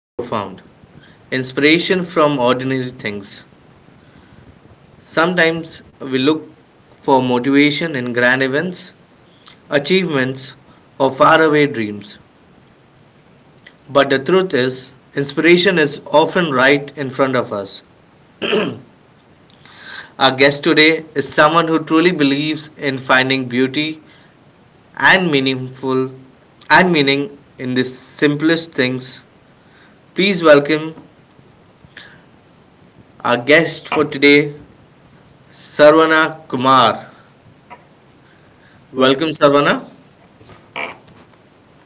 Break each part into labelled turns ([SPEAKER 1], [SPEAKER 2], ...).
[SPEAKER 1] profound. Inspiration from ordinary things. Sometimes we look for motivation in grand events, achievements, or faraway dreams. But the truth is, inspiration is often right in front of us. Our guest today is someone who truly believes in finding beauty and meaningful and meaning in the simplest things. Please welcome our guest for today, Sarvana Kumar.
[SPEAKER 2] Well,
[SPEAKER 1] Welcome, Sarvana.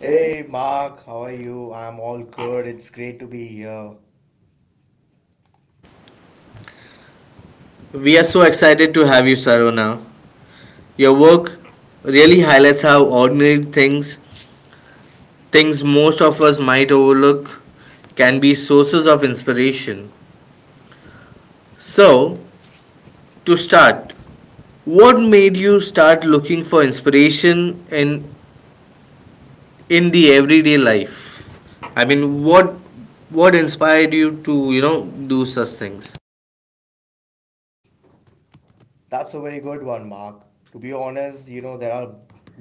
[SPEAKER 2] Hey Mark, how are you? I'm all good. It's great to be here.
[SPEAKER 1] We are so excited to have you, Sarvana. Your work really highlights how ordinary things, things most of us might overlook, can be sources of inspiration. So, to start, what made you start looking for inspiration in the everyday life? I mean, what what inspired you to do such things?
[SPEAKER 2] That's a very good one, Mark. To be honest, you know, there are a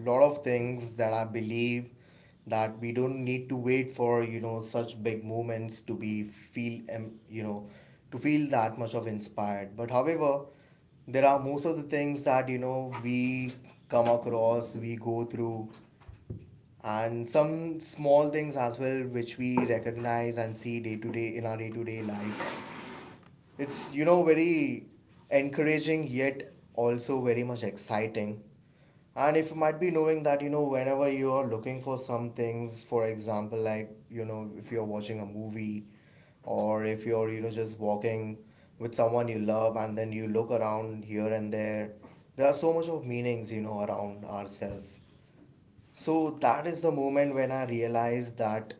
[SPEAKER 2] lot of things that I believe that we don't need to wait for, you know, such big moments to be feel, to feel that much of inspired. But however, there are most of the things that, you know, we come across, we go through and some small things as well which we recognize and see day to day in our day to day life, it's you know very encouraging yet also very much exciting. And if you might be knowing that you know whenever you're looking for some things, for example like you know if you're watching a movie or if you're you know just walking with someone you love and then you look around here and there are so much of meanings you know around ourselves. So that is the moment when I realized that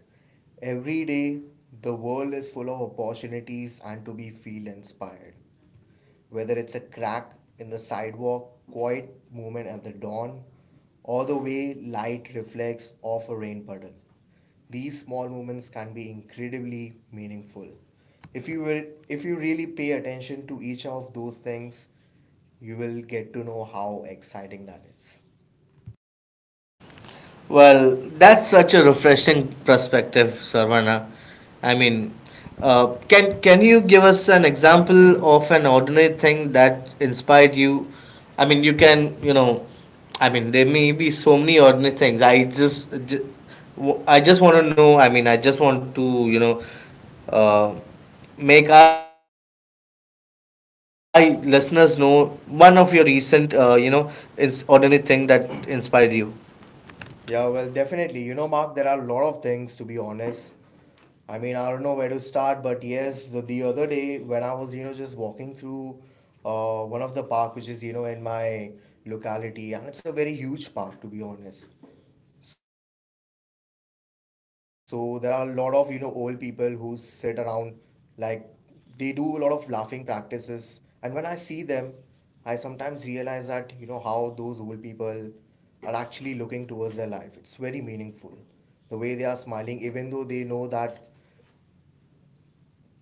[SPEAKER 2] every day the world is full of opportunities and to be feel inspired. Whether it's a crack in the sidewalk, quiet moment at the dawn, or the way light reflects off a rain puddle. These small moments can be incredibly meaningful. If you really pay attention to each of those things, you will get to know how exciting that is.
[SPEAKER 1] Well, that's such a refreshing perspective, Sarvana. I mean, can you give us an example of an ordinary thing that inspired you? I mean, you can, I mean, there may be so many ordinary things. Just want to know. I mean, I just want to, uh, make our listeners know one of your recent, is ordinary thing that inspired you.
[SPEAKER 2] Yeah, well, definitely. You know, Mark, there are a lot of things to be honest. I mean, I don't know where to start, but yes, the other day when I was, you know, just walking through one of the park, which is, you know, in my locality, and it's a very huge park to be honest. So there are a lot of you know old people who sit around, like they do a lot of laughing practices. And when I see them, I sometimes realize that you know how those old people are actually looking towards their life. It's very meaningful. The way they are smiling even though they know that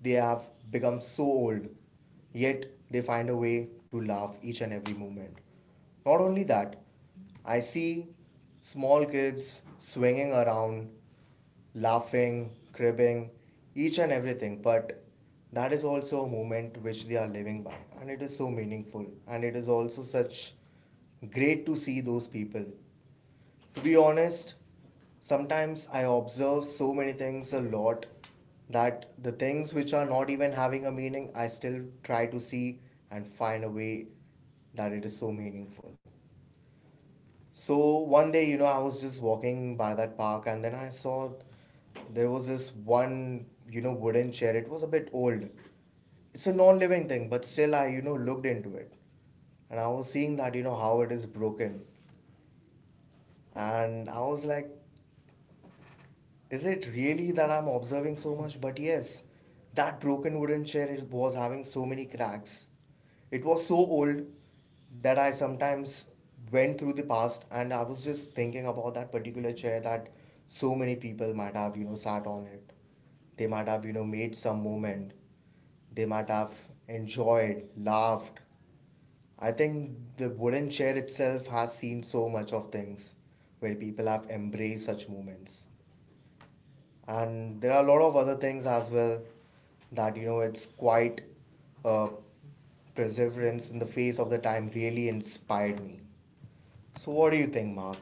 [SPEAKER 2] they have become so old, yet they find a way to laugh each and every moment. Not only that, I see small kids swinging around, laughing, cribbing, each and everything, but that is also a moment which they are living by, and it is so meaningful, and it is also such great to see those people. To be honest, sometimes I observe so many things a lot, that the things which are not even having a meaning, I still try to see and find a way that it is so meaningful. So one day, you know, I was just walking by that park and then I saw there was this one, you know, wooden chair. It was a bit old. It's a non living thing, but still, I, you know, looked into it and I was seeing that you know how it is broken, and I was like, is it really that I'm observing so much? But yes, that broken wooden chair, it was having so many cracks. It was so old that I sometimes went through the past and I was just thinking about that particular chair, that so many people might have, you know, sat on it. They might have, you know, made some moment. They might have enjoyed, laughed. I think the wooden chair itself has seen so much of things where people have embraced such moments. And there are a lot of other things as well, that you know it's quite uh, perseverance in the face of the time really inspired me. So what do you think, Mark?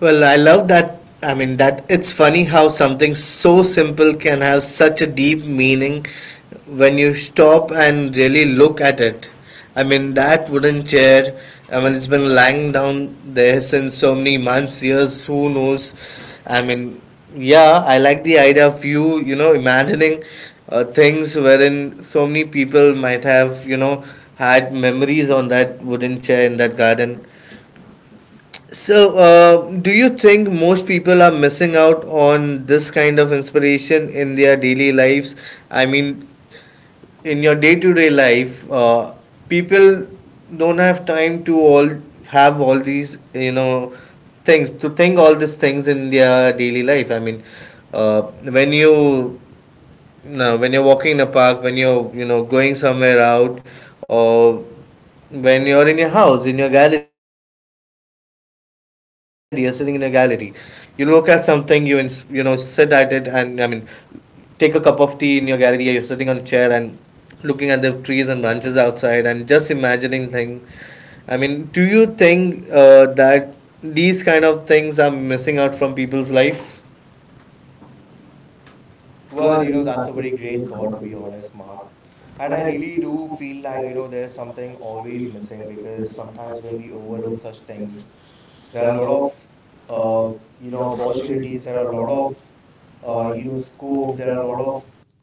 [SPEAKER 1] Well, I love that. I mean, that it's funny how something so simple can have such a deep meaning when you stop and really look at it. I mean, that wooden chair, I mean, it's been lying down there since so many months, years, who knows. I mean, yeah, I like the idea of you, imagining things wherein so many people might have, had memories on that wooden chair in that garden. So, do you think most people are missing out on this kind of inspiration in their daily lives? I mean, in your day-to-day life, people don't have time to all have all these things, to think all these things in their daily life. I mean, uh, when you now when you're walking in a park, when you're going somewhere out, or when you're in your house, in your gallery you're sitting in a gallery, you look at something, you ins- you know sit at it, and I mean, take a cup of tea in your gallery, you're sitting on a chair and looking at the trees and branches outside and just imagining thing. I mean, do you think that these kind of things are missing out from people's life?
[SPEAKER 2] Well, you know, that's a very great thought, to be honest, Mark. And I really do feel like, you know, there's something always missing because sometimes when we overlook such things, there are a lot of, you know, opportunities, there are a lot of, you know, scope, there are a lot of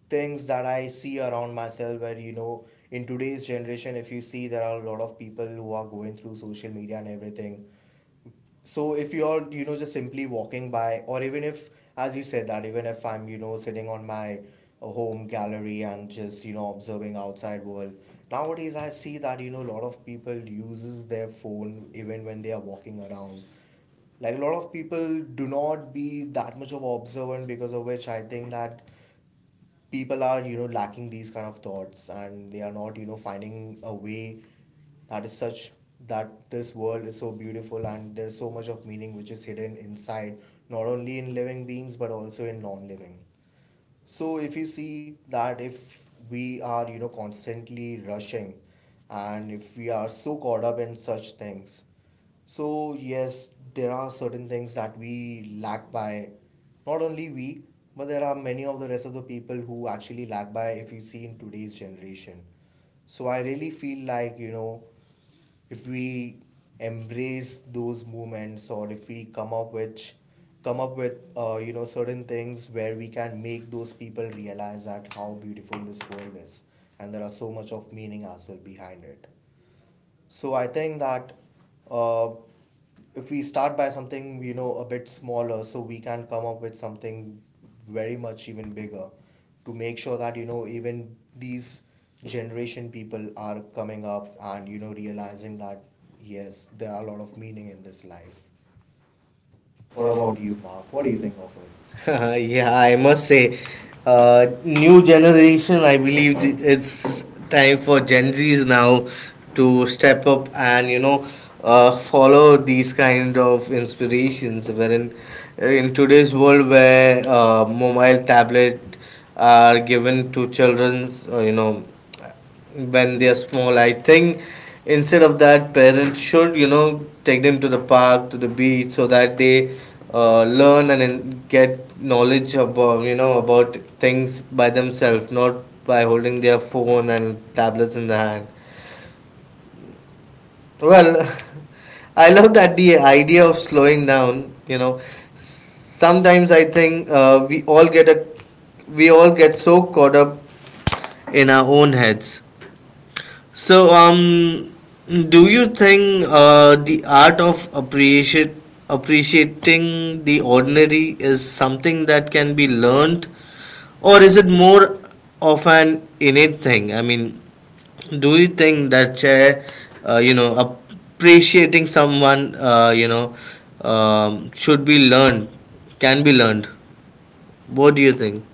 [SPEAKER 2] things that I see around myself where, you know, in today's generation, if you see, there are a lot of people who are going through social media and everything. So if you're, you know, just simply walking by, or even if, as you said, that even if I'm, you know, sitting on my home gallery and just, you know, observing outside world, nowadays I see that, you know, a lot of people uses their phone even when they are walking around. Like a lot of people do not be that much of observant, because of which I think that people are you know lacking these kind of thoughts and they are not you know finding a way, that is such that this world is so beautiful and there's so much of meaning which is hidden inside, not only in living beings but also in non-living. So if you see that if we are, you know, constantly rushing and if we are so caught up in such things, so yes, there are certain things that we lack by, not only we, but there are many of the rest of the people who actually lack by if you see in today's generation. So I really feel like, you know, if we embrace those moments or if we come up with you know certain things where we can make those people realize that how beautiful this world is and there are so much of meaning as well behind it. So I think that uh, if we start by something, you know, a bit smaller, so we can come up with something very much even bigger, to make sure that, you know, even these generation people are coming up and, you know, realizing that, yes, there are a lot of meaning in this life. What about you, Mark? What do you think of it?
[SPEAKER 1] Yeah, I must say, new generation. I believe it's time for Gen Zs now to step up and follow these kind of inspirations. Wherein in today's world, where mobile tablet are given to childrens, when they are small, I think instead of that parents should take them to the park, to the beach, so that they learn and then get knowledge about, about things by themselves, not by holding their phone and tablets in the hand. Well, I love that, the idea of slowing down. you know Sometimes I think we all get so caught up in our own heads. So, do you think the art of appreciate appreciating the ordinary is something that can be learned, or is it more of an innate thing? I mean, do you think that appreciating someone, should be learned, can be learned? What do you think?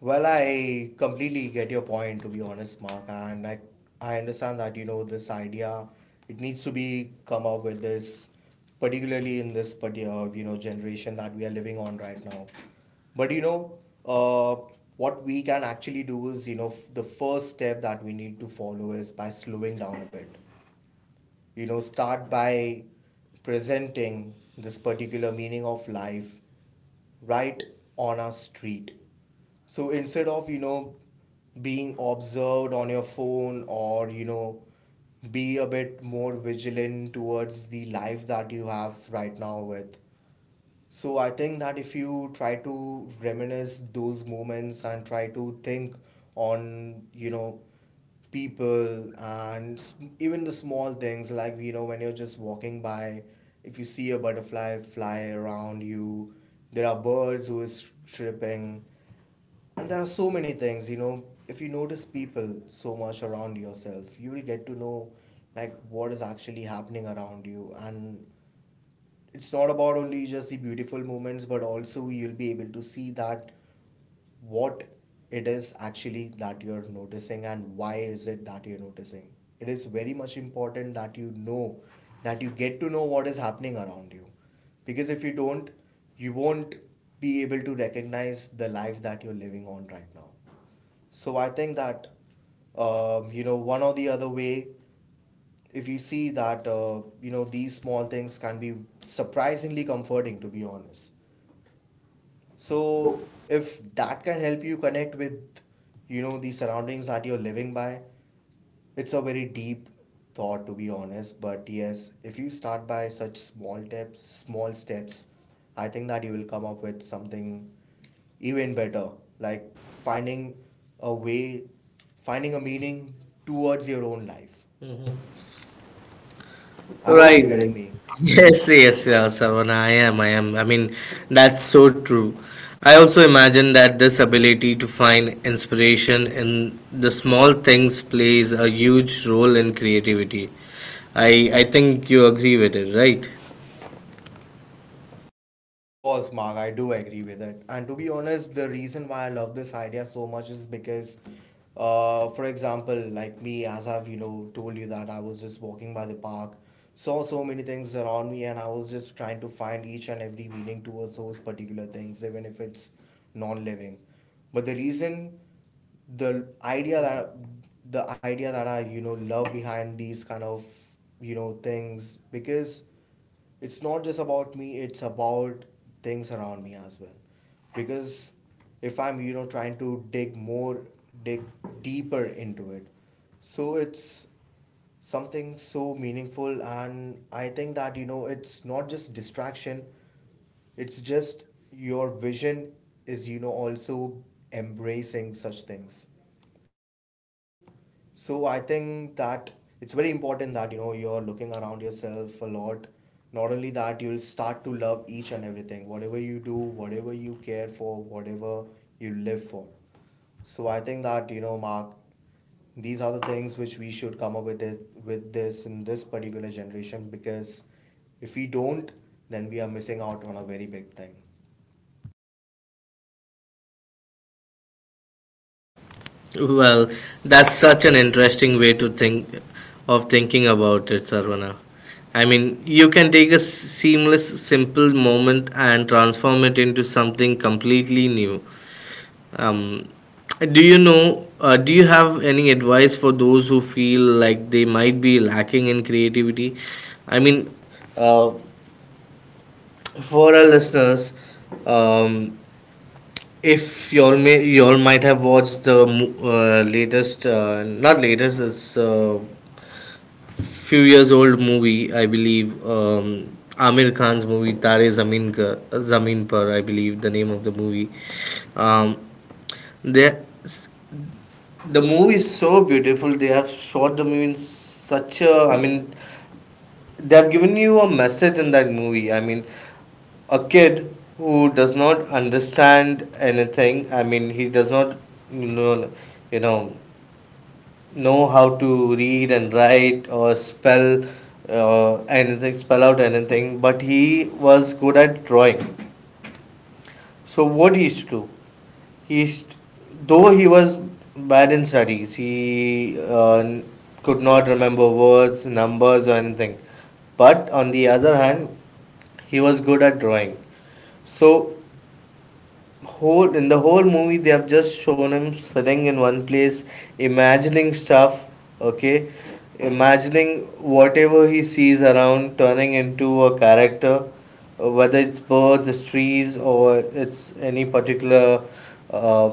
[SPEAKER 2] Well, I completely get your point, to be honest, Mark, and I understand that you know this idea. It needs to be come up with this, particularly in this particular you know generation that we are living on right now. But you know, uh, what we can actually do is you know the first step that we need to follow is by slowing down a bit, you know, start by presenting this particular meaning of life, right on a street. So instead of, you know, being observed on your phone or, you know, be a bit more vigilant towards the life that you have right now with. So I think that if you try to reminisce those moments and try to think on, you know, people and even the small things like, you know, when you're just walking by, if you see a butterfly fly around you, there are birds who is chirping, and there are so many things, you know, if you notice people so much around yourself, you will get to know like what is actually happening around you. And it's not about only just the beautiful moments, but also you'll be able to see that what it is actually that you're noticing and why is it that you're noticing. It is very much important that you know, that you get to know what is happening around you. Because if you don't, you won't be able to recognize the life that you're living on right now. So I think that you know one or the other way, if you see that you know these small things can be surprisingly comforting to be honest. So if that can help you connect with you know the surroundings that you're living by, it's a very deep thought to be honest. But yes, if you start by such small tips, small steps, I think that you will come up with something even better, like finding a way, finding a meaning towards your own life. I hope Right. you're Right. getting
[SPEAKER 1] Right.
[SPEAKER 2] me.
[SPEAKER 1] Yes, yes, yeah, Sarvan, I am. I am. I mean, that's so true. I also imagine that this ability to find inspiration in the small things plays a huge role in creativity. I think you agree with it, right?
[SPEAKER 2] Of course, Mark, I do agree with it. And to be honest, the reason why I love this idea so much is because, for example, like me, as I've, you know, told you that I was just walking by the park, saw so many things around me, and I was just trying to find each and every meaning towards those particular things, even if it's non living. But the reason, the idea that the idea that I you know love behind these kind of you know things, because it's not just about me, it's about things around me as well. Because if I'm you know trying to dig deeper into it, so it's something so meaningful. And I think that you know it's not just distraction, it's just your vision is you know also embracing such things. So I think that it's very important that you know you're looking around yourself a lot. Not only that, you'll start to love each and everything, whatever you do, whatever you care for, whatever you live for. So I think that, you know, Mark, these are the things which we should come up with it with this in this particular generation, because if we don't, then we are missing out on a very big thing.
[SPEAKER 1] Well, that's such an interesting way to think of thinking about it, Sarvana. I mean, you can take a seamless, simple moment and transform it into something completely new. Um, do you know? Do you have any advice for those who feel like they might be lacking in creativity? I mean, uh, for our listeners, um, if y'all might have watched the latest, not latest, it's few years old movie, I believe. Amir Khan's movie Tare Zameen Ka, Zameen Par, I believe the name of the movie. Um, there, the movie is so beautiful, they have shot the movie in such a, I mean, they have given you a message in that movie. I mean, a kid who does not understand anything. I mean, he does not you know you know know how to read and write or spell anything, spell out anything, but he was good at drawing. So what he used to do, he used, though he was bad in studies, he could not remember words, numbers, or anything. But on the other hand, he was good at drawing. So, whole in the whole movie, they have just shown him sitting in one place, imagining stuff. Okay, imagining whatever he sees around, turning into a character, whether it's birds, it's trees, or it's any particular, uh,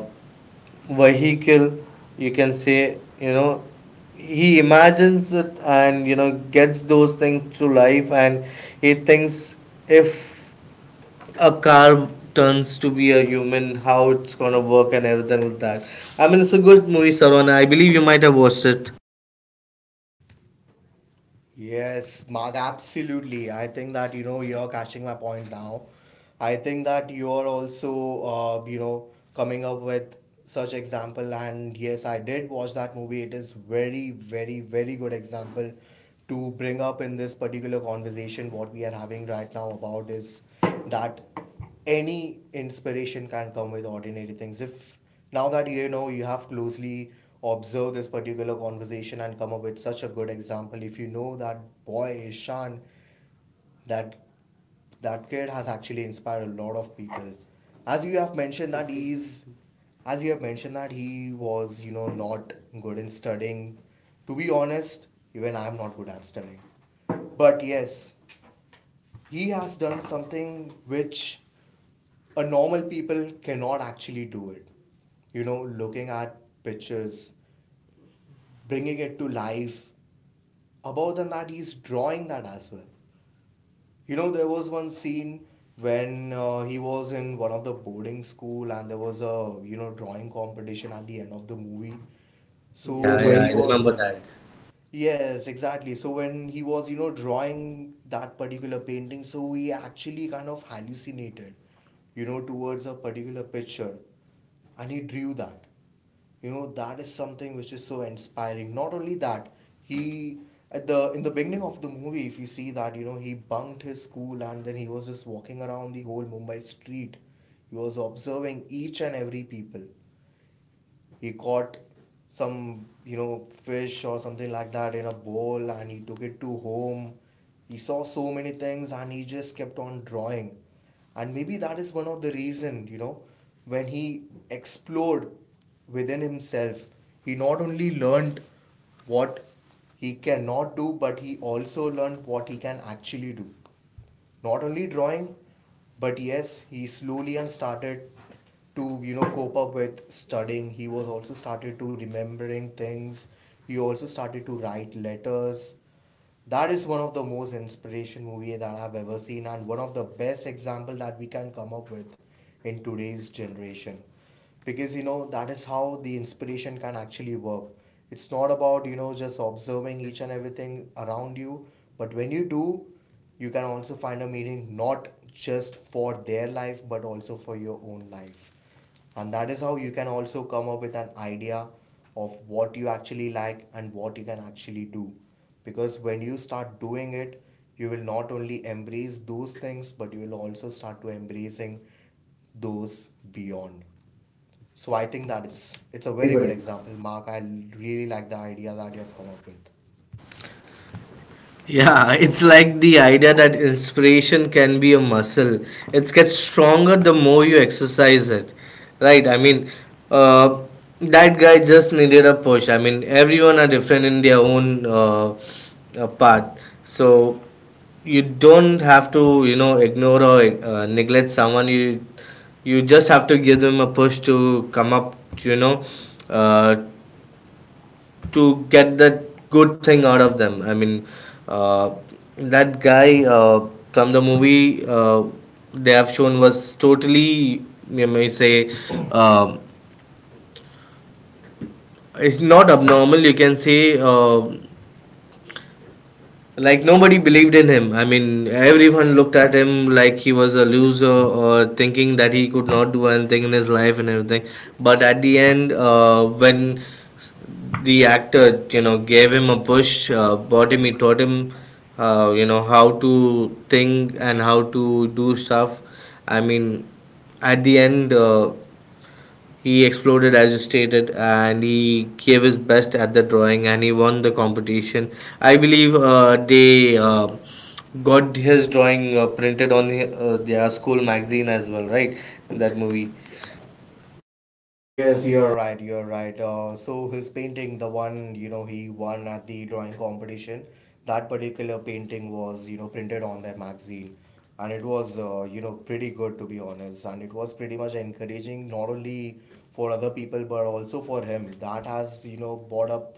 [SPEAKER 1] vehicle you can say, he imagines it, and gets those things to life, and he thinks, if a car turns to be a human, how it's gonna work and everything like that. I mean, it's a good movie, Sarwana. I believe you might have watched it.
[SPEAKER 2] Yes, Mark, absolutely. I think that, you know, you're catching my point now. I think that you're also, you know, coming up with such example. And yes, I did watch that movie. It is very, very, very good example to bring up in this particular conversation. What we are having right now about is that any inspiration can come with ordinary things if now that, you know, you have closely observed this particular conversation and come up with such a good example. If you know that boy Ishan, that that kid has actually inspired a lot of people. As you have mentioned that he was, you know, not good in studying, to be honest. Even I'm not good at studying, but yes, he has done something which a normal people cannot actually do it. You know, looking at pictures, bringing it to life. Above than that, he's drawing that as well. You know, there was one scene when he was in one of the boarding school, and there was a, you know, drawing competition at the end of the movie. So
[SPEAKER 1] Yeah,
[SPEAKER 2] Yeah, when yeah,
[SPEAKER 1] yeah,
[SPEAKER 2] he I
[SPEAKER 1] I
[SPEAKER 2] remember was
[SPEAKER 1] remember
[SPEAKER 2] remember
[SPEAKER 1] that.
[SPEAKER 2] that. Yes, exactly. So when he was, you know, drawing that particular painting, so he actually kind of hallucinated, you know, towards a particular picture. And he drew that. You know, that is something which is so inspiring. Not only that, he at the in the beginning of the movie, if you see that, you know, he bunked his school and then he was just walking around the whole Mumbai street. He was observing each and every people. He caught some, you know, fish or something like that in a bowl, and he took it to home. He saw so many things and he just kept on drawing. And maybe that is one of the reason, you know, when he explored within himself, he not only learned what he cannot do, but he also learned what he can actually do. Not only drawing, but yes, he slowly and started to, you know, cope up with studying. He was also started to remembering things. He also started to write letters. That is one of the most inspiration movie that I've ever seen, and one of the best example that we can come up with in today's generation, because, you know, that is how the inspiration can actually work. It's not about, you know, just observing each and everything around you, but when you do, you can also find a meaning not just for their life but also for your own life. And that is how you can also come up with an idea of what you actually like and what you can actually do, because when you start doing it, you will not only embrace those things, but you will also start to embracing those beyond. So I think that it's a very good example, Mark. I really like the idea that you have come up with.
[SPEAKER 1] Yeah, it's like the idea that inspiration can be a muscle. It gets stronger the more you exercise it, right? I mean, uh, that guy just needed a push. I mean, everyone are different in their own, part. So you don't have to, ignore or neglect someone. You just have to give them a push to come up, you know, uh, to get that good thing out of them. I mean, uh, that guy, from the movie, they have shown, was totally, you may say, um it's not abnormal. You can say, like, nobody believed in him. I mean, everyone looked at him like he was a loser, or thinking that he could not do anything in his life and everything. But at the end, when the actor, gave him a push, brought him he taught him, how to think and how to do stuff. I mean, at the end, he exploded, as you stated, and he gave his best at the drawing, and he won the competition. I believe they got his drawing printed on their school magazine as well, right? In that movie.
[SPEAKER 2] Yes, you're right. You're right. So his painting, the one, you know, he won at the drawing competition, that particular painting was, you know, printed on their magazine, and it was, you know, pretty good, to be honest, and it was pretty much encouraging not only for other people but also for him. That has, you know, brought up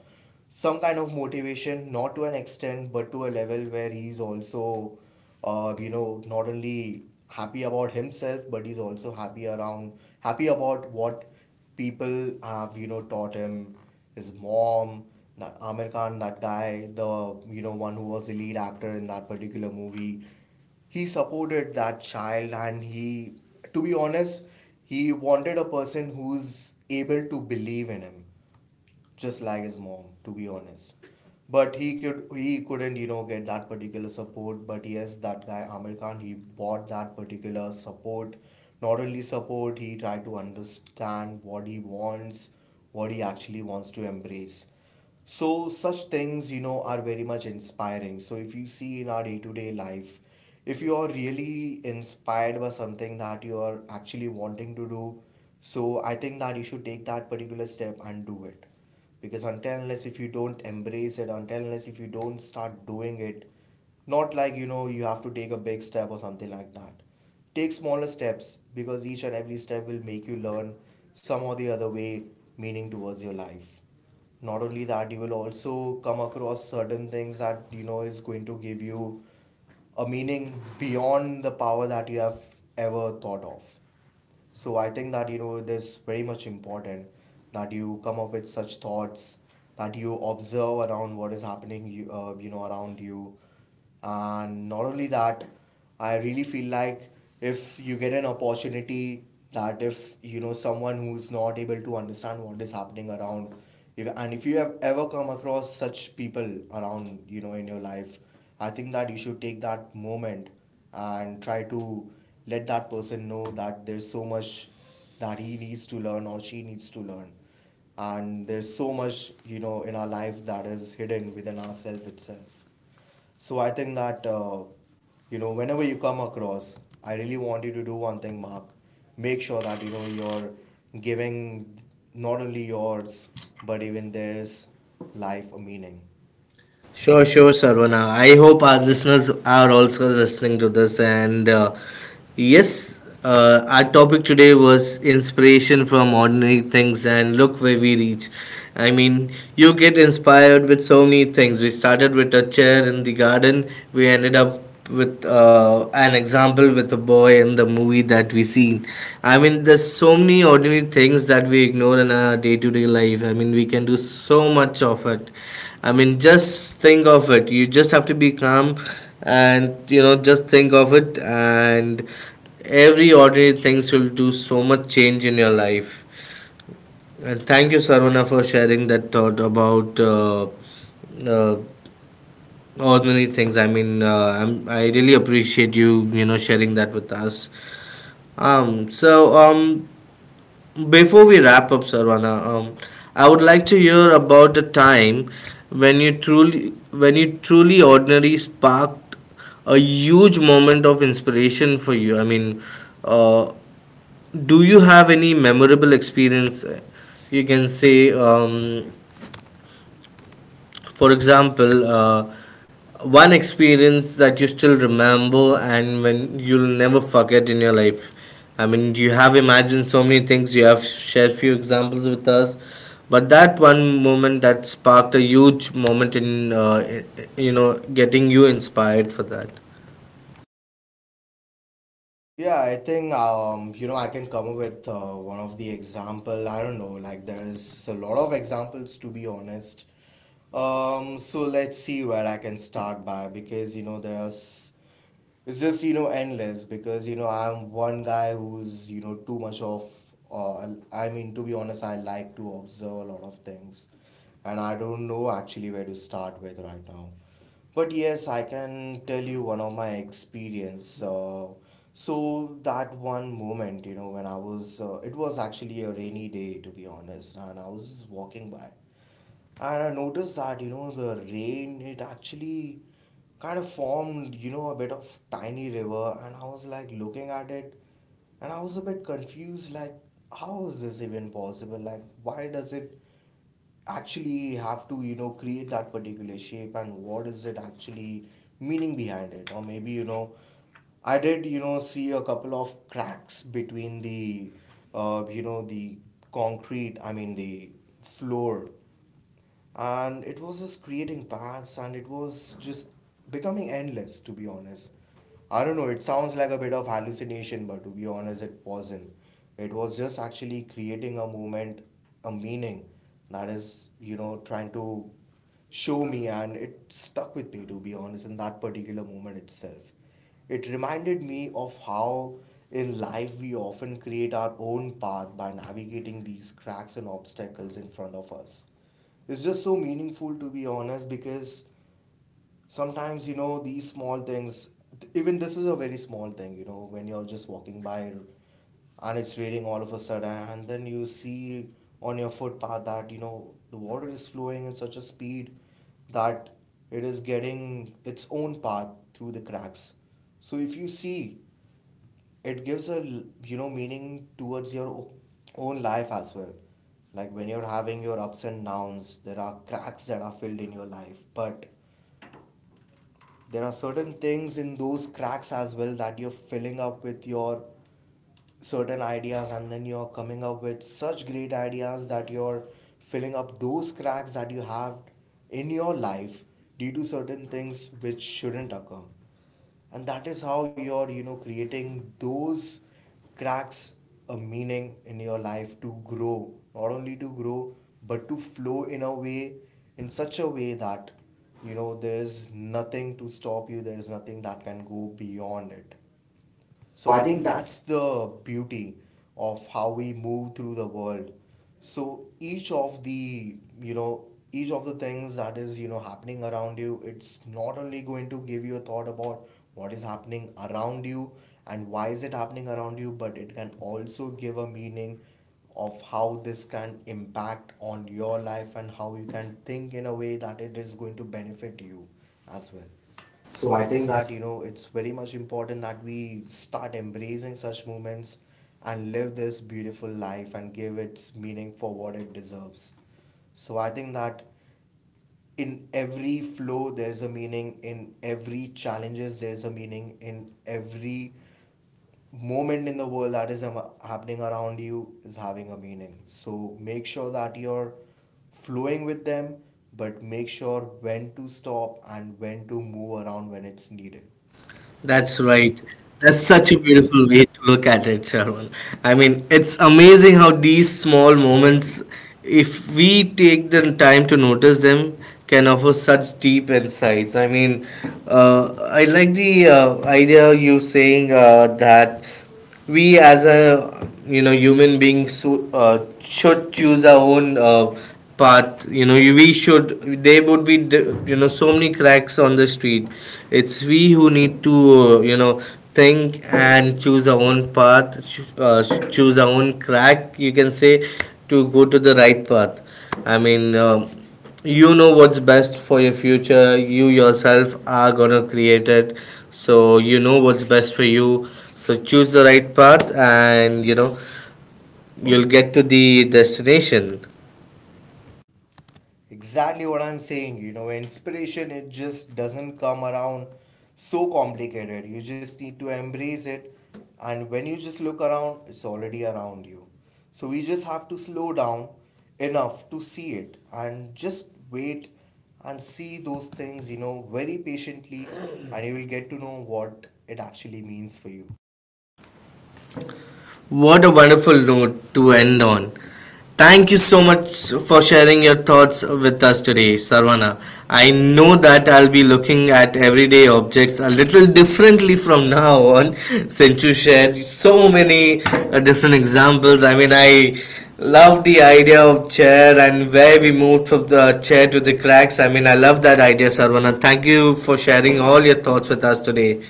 [SPEAKER 2] some kind of motivation, not to an extent, but to a level where he's also you know, not only happy about himself, but he's also happy around, happy about what people have, you know, taught him, his mom, that Amir Khan, that guy, the, you know, one who was the lead actor in that particular movie. He supported that child and he, to be honest, he wanted a person who's able to believe in him, just like his mom, to be honest. But he couldn't, you know, get that particular support. But yes, that guy Amir Khan, he bought that particular support. Not only support, he tried to understand what he wants, what he actually wants to embrace. So such things, you know, are very much inspiring. So if you see in our day-to-day life, if you are really inspired by something that you are actually wanting to do, so I think that you should take that particular step and do it, because until unless if you don't embrace it, until unless if you don't start doing it, not like, you know, you have to take a big step or something like that. Take smaller steps, because each and every step will make you learn some or the other way, meaning towards your life. Not only that, you will also come across certain things that, you know, is going to give you a meaning beyond the power that you have ever thought of. So I think that, you know, it is very much important that you come up with such thoughts, that you observe around what is happening, you you know, around you. And not only that, I really feel like if you get an opportunity, that if you know someone who's not able to understand what is happening around, if and if you have ever come across such people around, you know, in your life, I think that you should take that moment and try to let that person know that there's so much that he needs to learn or she needs to learn, and there's so much, you know, in our life that is hidden within ourselves itself. So I think that, you know, whenever you come across, I really want you to do one thing, Mark. Make sure that, you know, you're giving not only yours, but even theirs, life a meaning.
[SPEAKER 1] Sure, sure, Sarvana. I hope our listeners are also listening to this. And yes, our topic today was inspiration from ordinary things, and look where we reach. I mean, you get inspired with so many things. We started with a chair in the garden, we ended up with an example with a boy in the movie that we seen. I mean, there's so many ordinary things that we ignore in our day-to-day life. I mean, we can do so much of it. I mean, just think of it, you just have to be calm, and just think of it, and every ordinary things will do so much change in your life. And thank you, Sarvana, for sharing that thought about, uh, oh, many things. I mean, I really appreciate you, sharing that with us. So, before we wrap up, Sarvana, I would like to hear about the time when you truly, ordinary sparked a huge moment of inspiration for you. I mean, uh, do you have any memorable experience? You can say, for example, one experience that you still remember and when you'll never forget in your life. I mean, you have imagined so many things, you have shared few examples with us, but that one moment that sparked a huge moment in, getting you inspired for that.
[SPEAKER 2] Yeah, I think, you know, I can come up with, one of the example. I don't know, like there is a lot of examples, to be honest. So let's see where I can start by, because, you know, there's, it's just, you know, endless, because, you know, I'm one guy who's, you know, too much of, uh, I mean, to be honest, I like to observe a lot of things, and I don't know actually where to start with right now. But yes, I can tell you one of my experience. So that one moment, you know, when I was it was actually a rainy day, to be honest, and I was just walking by, and I noticed that, you know, the rain, it actually kind of formed, you know, a bit of tiny river. And I was like looking at it, and I was a bit confused, like, how is this even possible? Like, why does it actually have to, you know, create that particular shape, and what is it actually meaning behind it? Or maybe, you know, I did, you know, see a couple of cracks between the, you know, the concrete, I mean, the floor, and it was just creating paths, and it was just becoming endless, to be honest. I don't know, it sounds like a bit of hallucination, but to be honest, it wasn't. It was just actually creating a movement, a meaning, that is, you know, trying to show me, and it stuck with me, to be honest, in that particular moment itself. It reminded me of how in life we often create our own path by navigating these cracks and obstacles in front of us. It's just so meaningful, to be honest, because sometimes, you know, these small things, even this is a very small thing, you know, when you're just walking by and it's raining all of a sudden, and then you see on your footpath that, you know, the water is flowing in such a speed that it is getting its own path through the cracks. So if you see, it gives a you know, meaning towards your own life as well. Like when you're having your ups and downs, there are cracks that are filled in your life, but there are certain things in those cracks as well that you're filling up with your certain ideas, and then you're coming up with such great ideas that you're filling up those cracks that you have in your life due to certain things which shouldn't occur. And that is how you're, you know, creating those cracks a meaning in your life to grow, not only to grow, but to flow in a way, in such a way that, you know, there is nothing to stop you, there is nothing that can go beyond it. So I think that's the beauty of how we move through the world. So each of the, you know, each of the things that is, you know, happening around you, it's not only going to give you a thought about what is happening around you and why is it happening around you, but it can also give a meaning of how this can impact on your life and how you can think in a way that it is going to benefit you as well. So I think that, you know, it's very much important that we start embracing such moments and live this beautiful life and give its meaning for what it deserves. So I think that in every flow there's a meaning, in every challenges there's a meaning, in every moment in the world that is happening around you is having a meaning. So make sure that you're flowing with them, but make sure when to stop and when to move around when it's needed.
[SPEAKER 1] That's
[SPEAKER 2] That's right.
[SPEAKER 1] right. That's
[SPEAKER 2] That's such
[SPEAKER 1] such
[SPEAKER 2] a
[SPEAKER 1] a
[SPEAKER 2] beautiful.
[SPEAKER 1] beautiful way to look at it, Sharman. I mean, it's amazing how these small moments, if we take the time to notice them, can offer such deep insights. I mean, I like the idea you saying, that we, as a you know, human beings, should choose our own, path. We should there would be so many cracks on the street, it's we who need to think and choose our own path, choose our own crack you can say, to go to the right path. I mean, what's best for your future, you yourself are gonna create it, so you know what's best for you. So choose the right path, and you'll get to the destination.
[SPEAKER 2] Exactly what I'm saying, you know, inspiration, it just doesn't come around so complicated. You just need to embrace it, and when you just look around, it's already around you. So we just have to slow down enough to see it and just wait and see those things, you know, very patiently, and you will get to know what it actually means for you.
[SPEAKER 1] What a wonderful note to end on. Thank you so much for sharing your thoughts with us today, Sarvana. I know that I'll be looking at everyday objects a little differently from now on since you shared so many different examples. I mean, I love the idea of chair and where we moved from the chair to the cracks. I mean, I love that idea, Sarvana. Thank you for sharing all your thoughts with us today.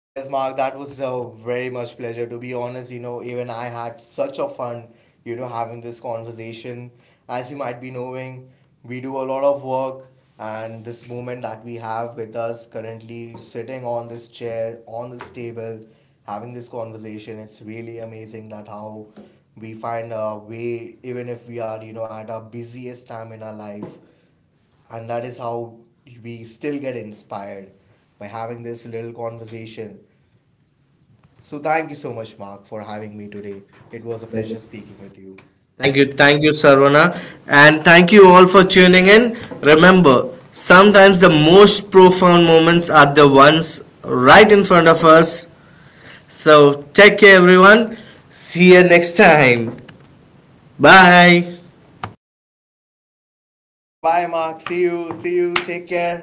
[SPEAKER 2] Yes, Mark, that was a very much pleasure. To be honest, you know, even I had such a fun, you know, having this conversation. As you might be knowing, we do a lot of work, and this moment that we have with us currently sitting on this chair, on this table, having this conversation, it's really amazing that how we find a way, even if we are, you know, at our busiest time in our life, and that is how we still get inspired by having this little conversation. So thank you so much, Mark, for having me today. It was a pleasure speaking with you. Thank-.
[SPEAKER 1] Thank you, Sarvana, and thank you all for tuning in. Remember, sometimes the most profound moments are the ones right in front of us. So, take care, everyone. See you next time. Bye.
[SPEAKER 2] Bye bye, Mark. See you. See you. Take care.